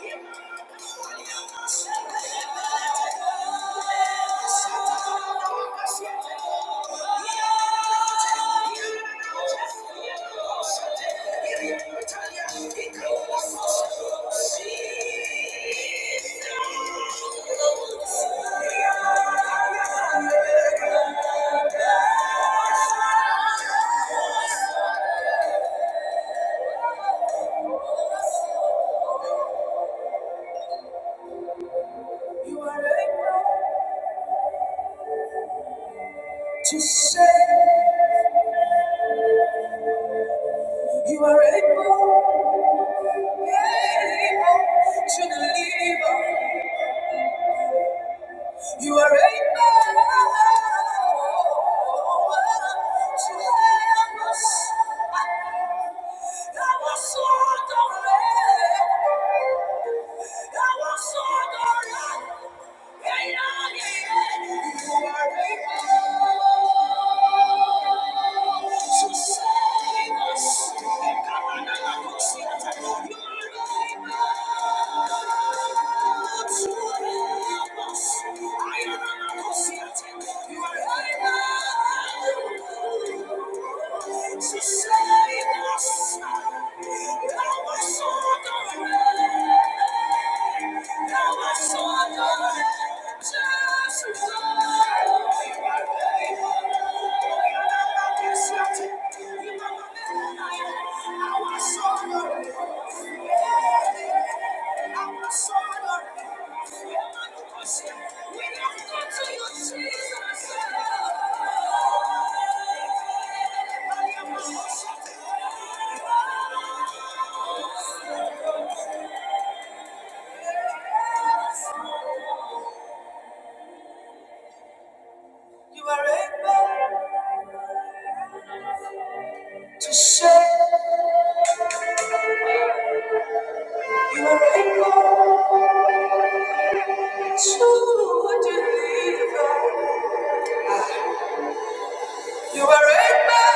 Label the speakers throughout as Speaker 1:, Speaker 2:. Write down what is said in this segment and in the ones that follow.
Speaker 1: Thank you. You are able to say. You are able, able to deliver. You are able to help us. Help us, Lord, already. to Save us! Thou art so good. We have come to you, Jesus. You are able to save. You are able to deliver. You are able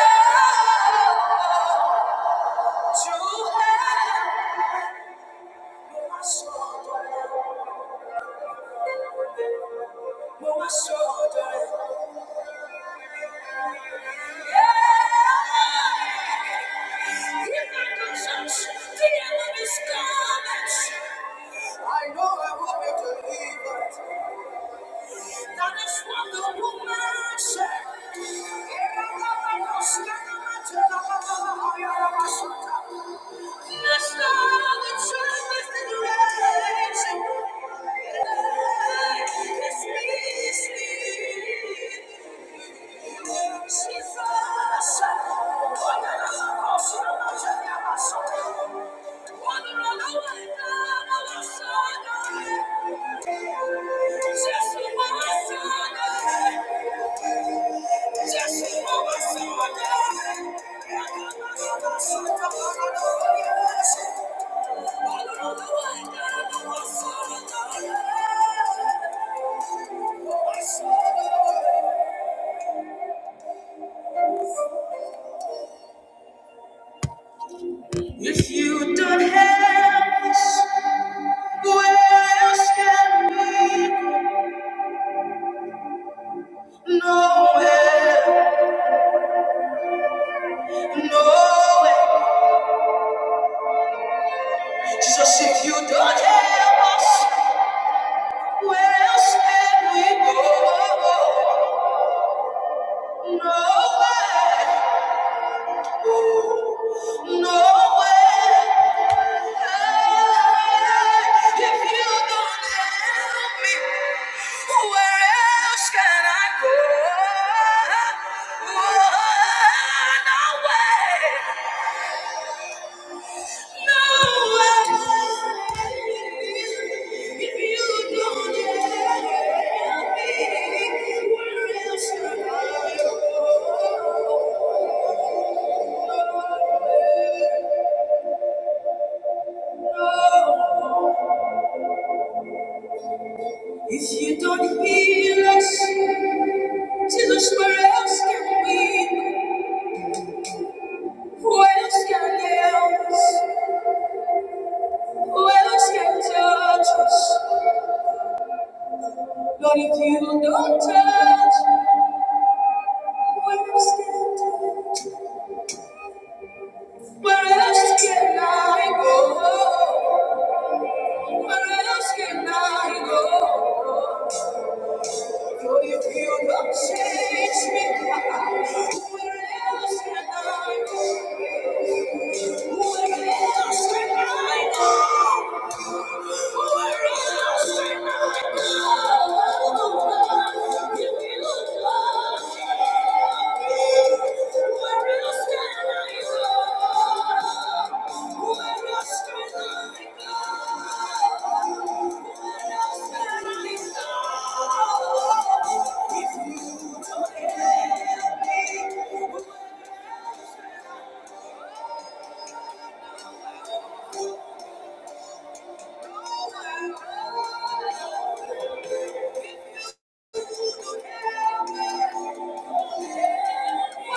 Speaker 1: to help. No one saw the No one saw the Yeah. Repercussions. The devil is coming. I know I will be delivered. That is what the woman said. Blessed are the children in the rain. It's me, it's me. Thank you. If you don't have us, where else can we go? Nowhere, nowhere. Jesus, if you don't have us, where else can we go? Nowhere, oh, nowhere. If you don't help help me, me, where where else else can can I go? Nowhere, nowhere. If you don't help me, where else can I go? go? No If if you you don't don't heal us, Jesus, where else can we? Who else can help us? Who else can touch us? But if you don't touch, where else can Where else can I go? Where else can I go? But if you don't change me, where else can I go? Where else can I go? Thank you. No, no,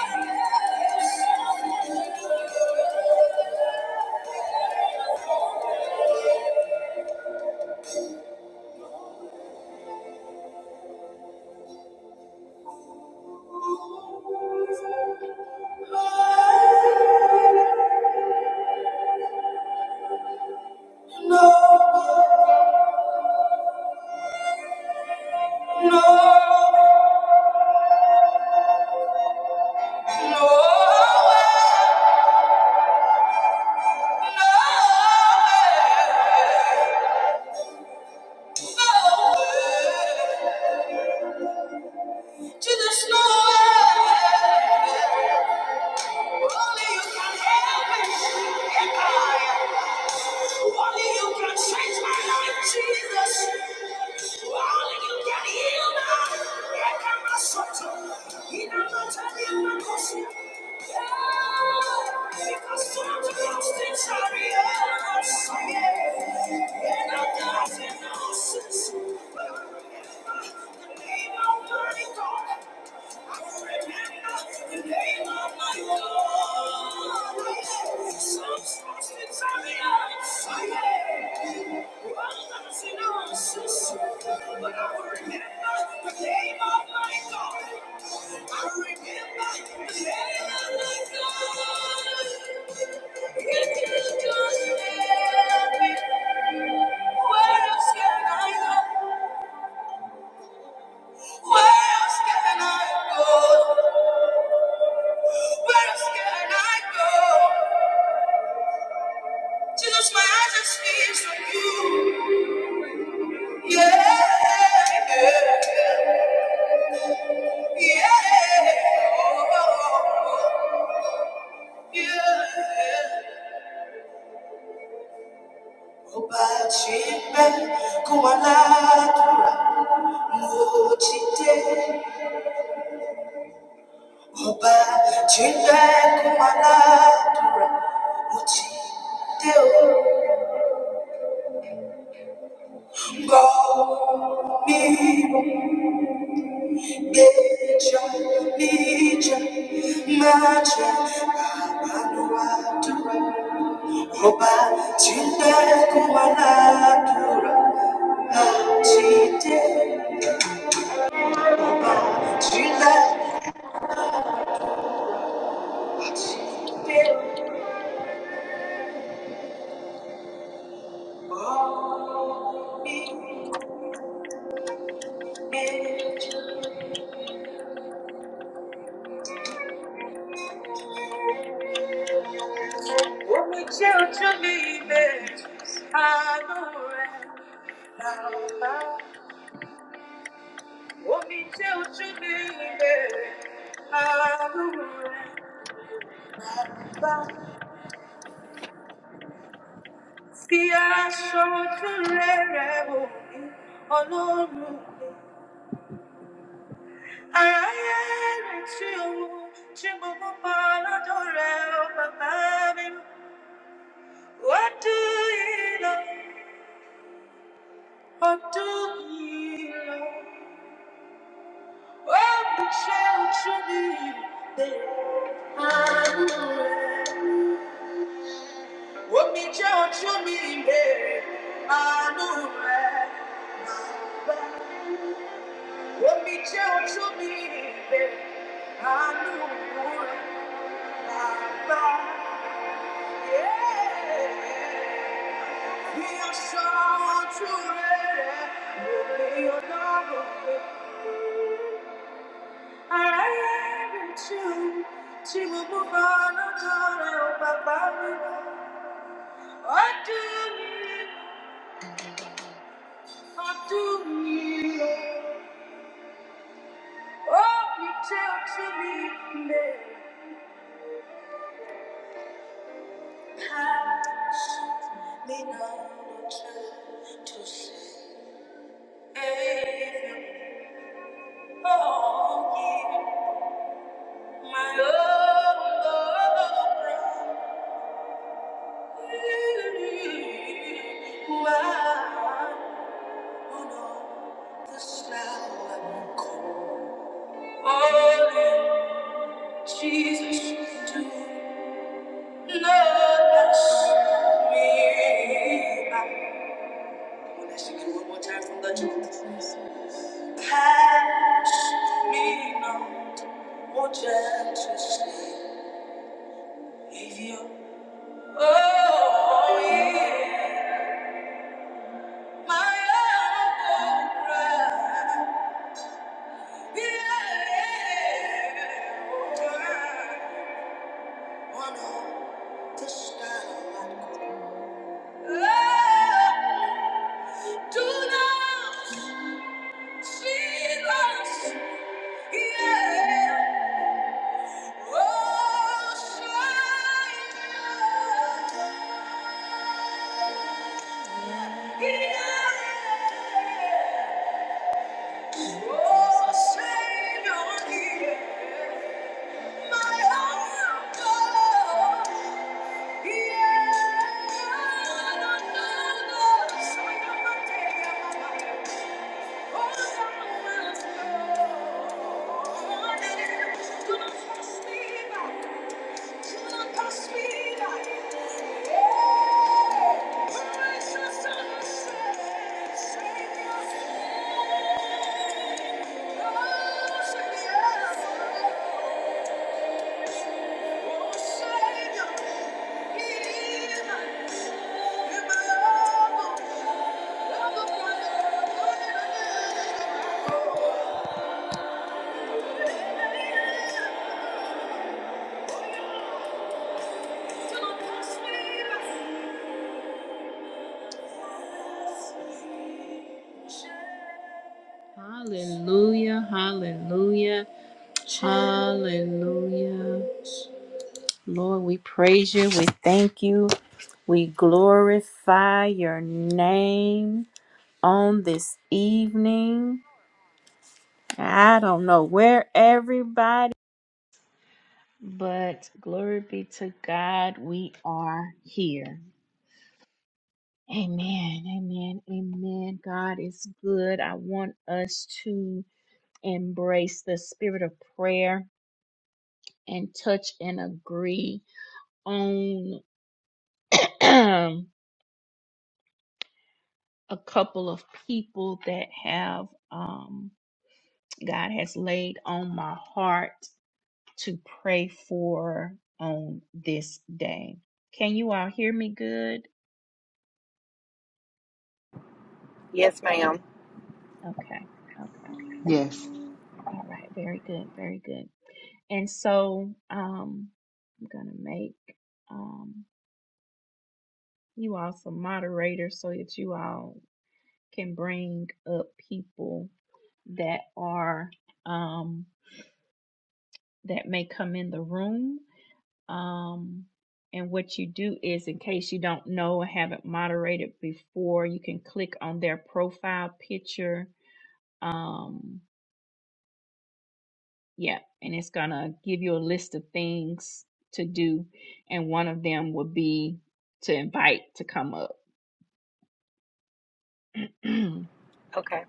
Speaker 1: no, no, no. Jesus, no. Only you can help me. Only you can change my life, Jesus. Only you can heal me. Yeah, come on, Soto. In a mountain, in a coast. Yeah, because sometimes things are real. Yeah, and I got an answer. The name of my God. But I remember the name of my God. I remember the name of my God. If you just let me, where else can I go? Where else can I go? Where can I go? Jesus, my eyes are fixed on you. Yeah, yeah, yeah. Oh, yeah. Obachimbe kumalatura mochite. Obachimbe kumalatura mochite. Go. me Nature, nature, magic. Abantu batura, ngoba chinde kubanakura. Nachite, ngoba chinde kubanakura. Omi jẹ́ ojú mi ìbẹ̀rù, àánú rẹ̀ bàbá. Omi jẹ́ ojú mi ìbẹ̀rù, àánú Bí aṣọ tó rẹ̀rẹ̀ wò mí, Ọlọ́run. Aráyé retí ohun tí gbogbo pa lọ́dọ̀ rẹ̀ ó bàbá mi. Ọdún yìí lọ, ọdún yìí lọ, ó mi jẹ́ ojú mi ìbéèrè. Omi jẹ́ ojú mi ìbéèrè, àánú rẹ̀. Omi jẹ́ ojú mi ìbéèrè, àánú rẹ̀. Bàbá. We are someone to it. We'll be your love. Thank you. oh yeah. My own Why on earth this now I'm cold? Only Jesus do. know us, me. Well, let's sing it one more time from the chorus. Pass me not, O gentle Savior. Oh, yeah. Oh, Savior, hear my heart. oh, Yeah. Thank you.
Speaker 2: Yes, ma'am.
Speaker 3: Yes.
Speaker 2: Okay.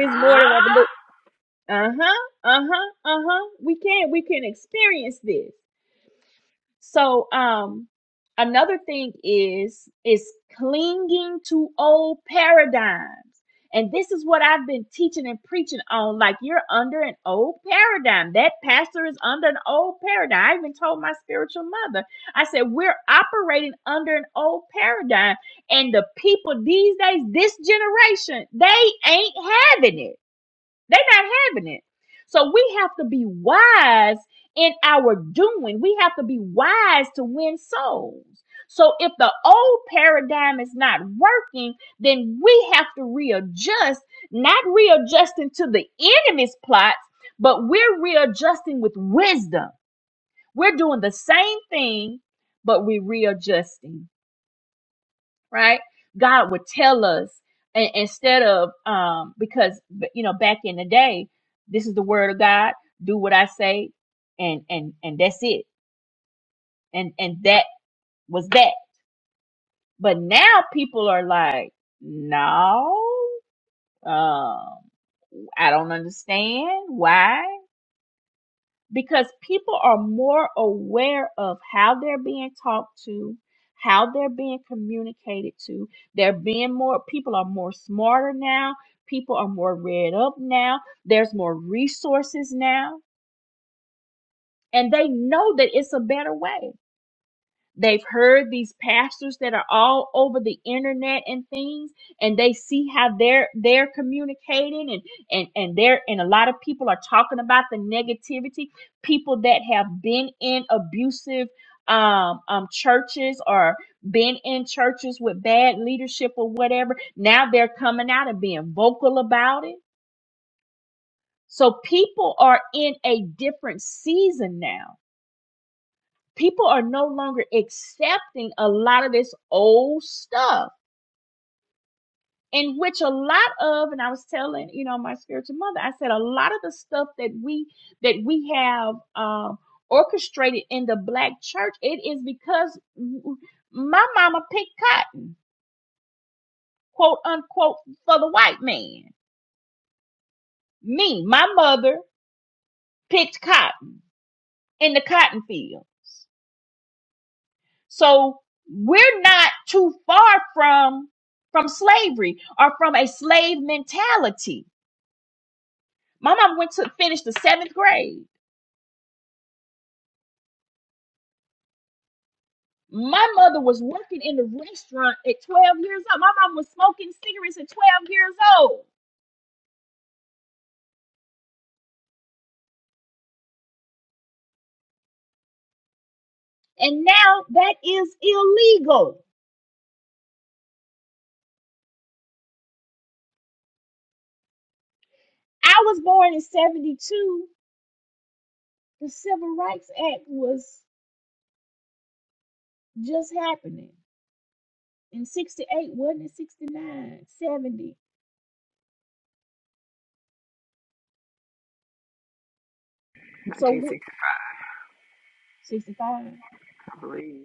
Speaker 4: Huh? 1960, I believe.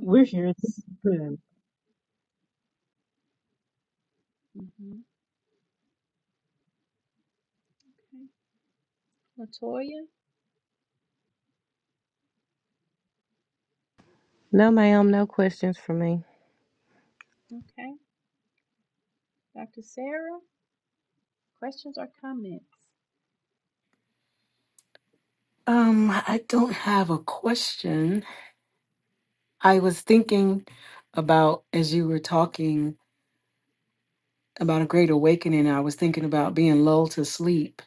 Speaker 5: We're here. This is good.
Speaker 2: No, ma'am, no questions for me.
Speaker 6: Um, I don't have a question. I was thinking about, as you were talking about a great awakening, I was thinking about being lulled to sleep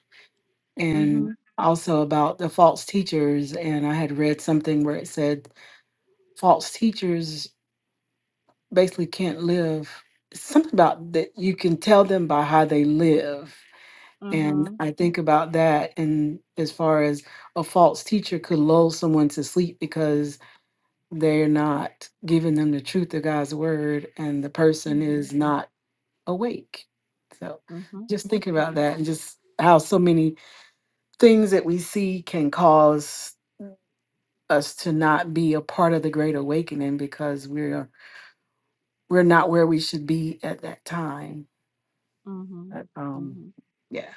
Speaker 6: and also about the false teachers. And I had read something where it said false teachers basically can't live. Something about that you can tell them by how they live. And I think about that. And as far as a false teacher could lull someone to sleep because. they're not giving them the truth of God's word and the person is not awake. So just thinking about that and just how so many things that we see can cause us to not be a part of the great awakening because we're we're not where we should be at that time. But, um yeah.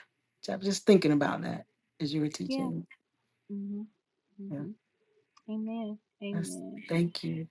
Speaker 6: So I'm just thinking about that as you were teaching. Yeah. That's thank you.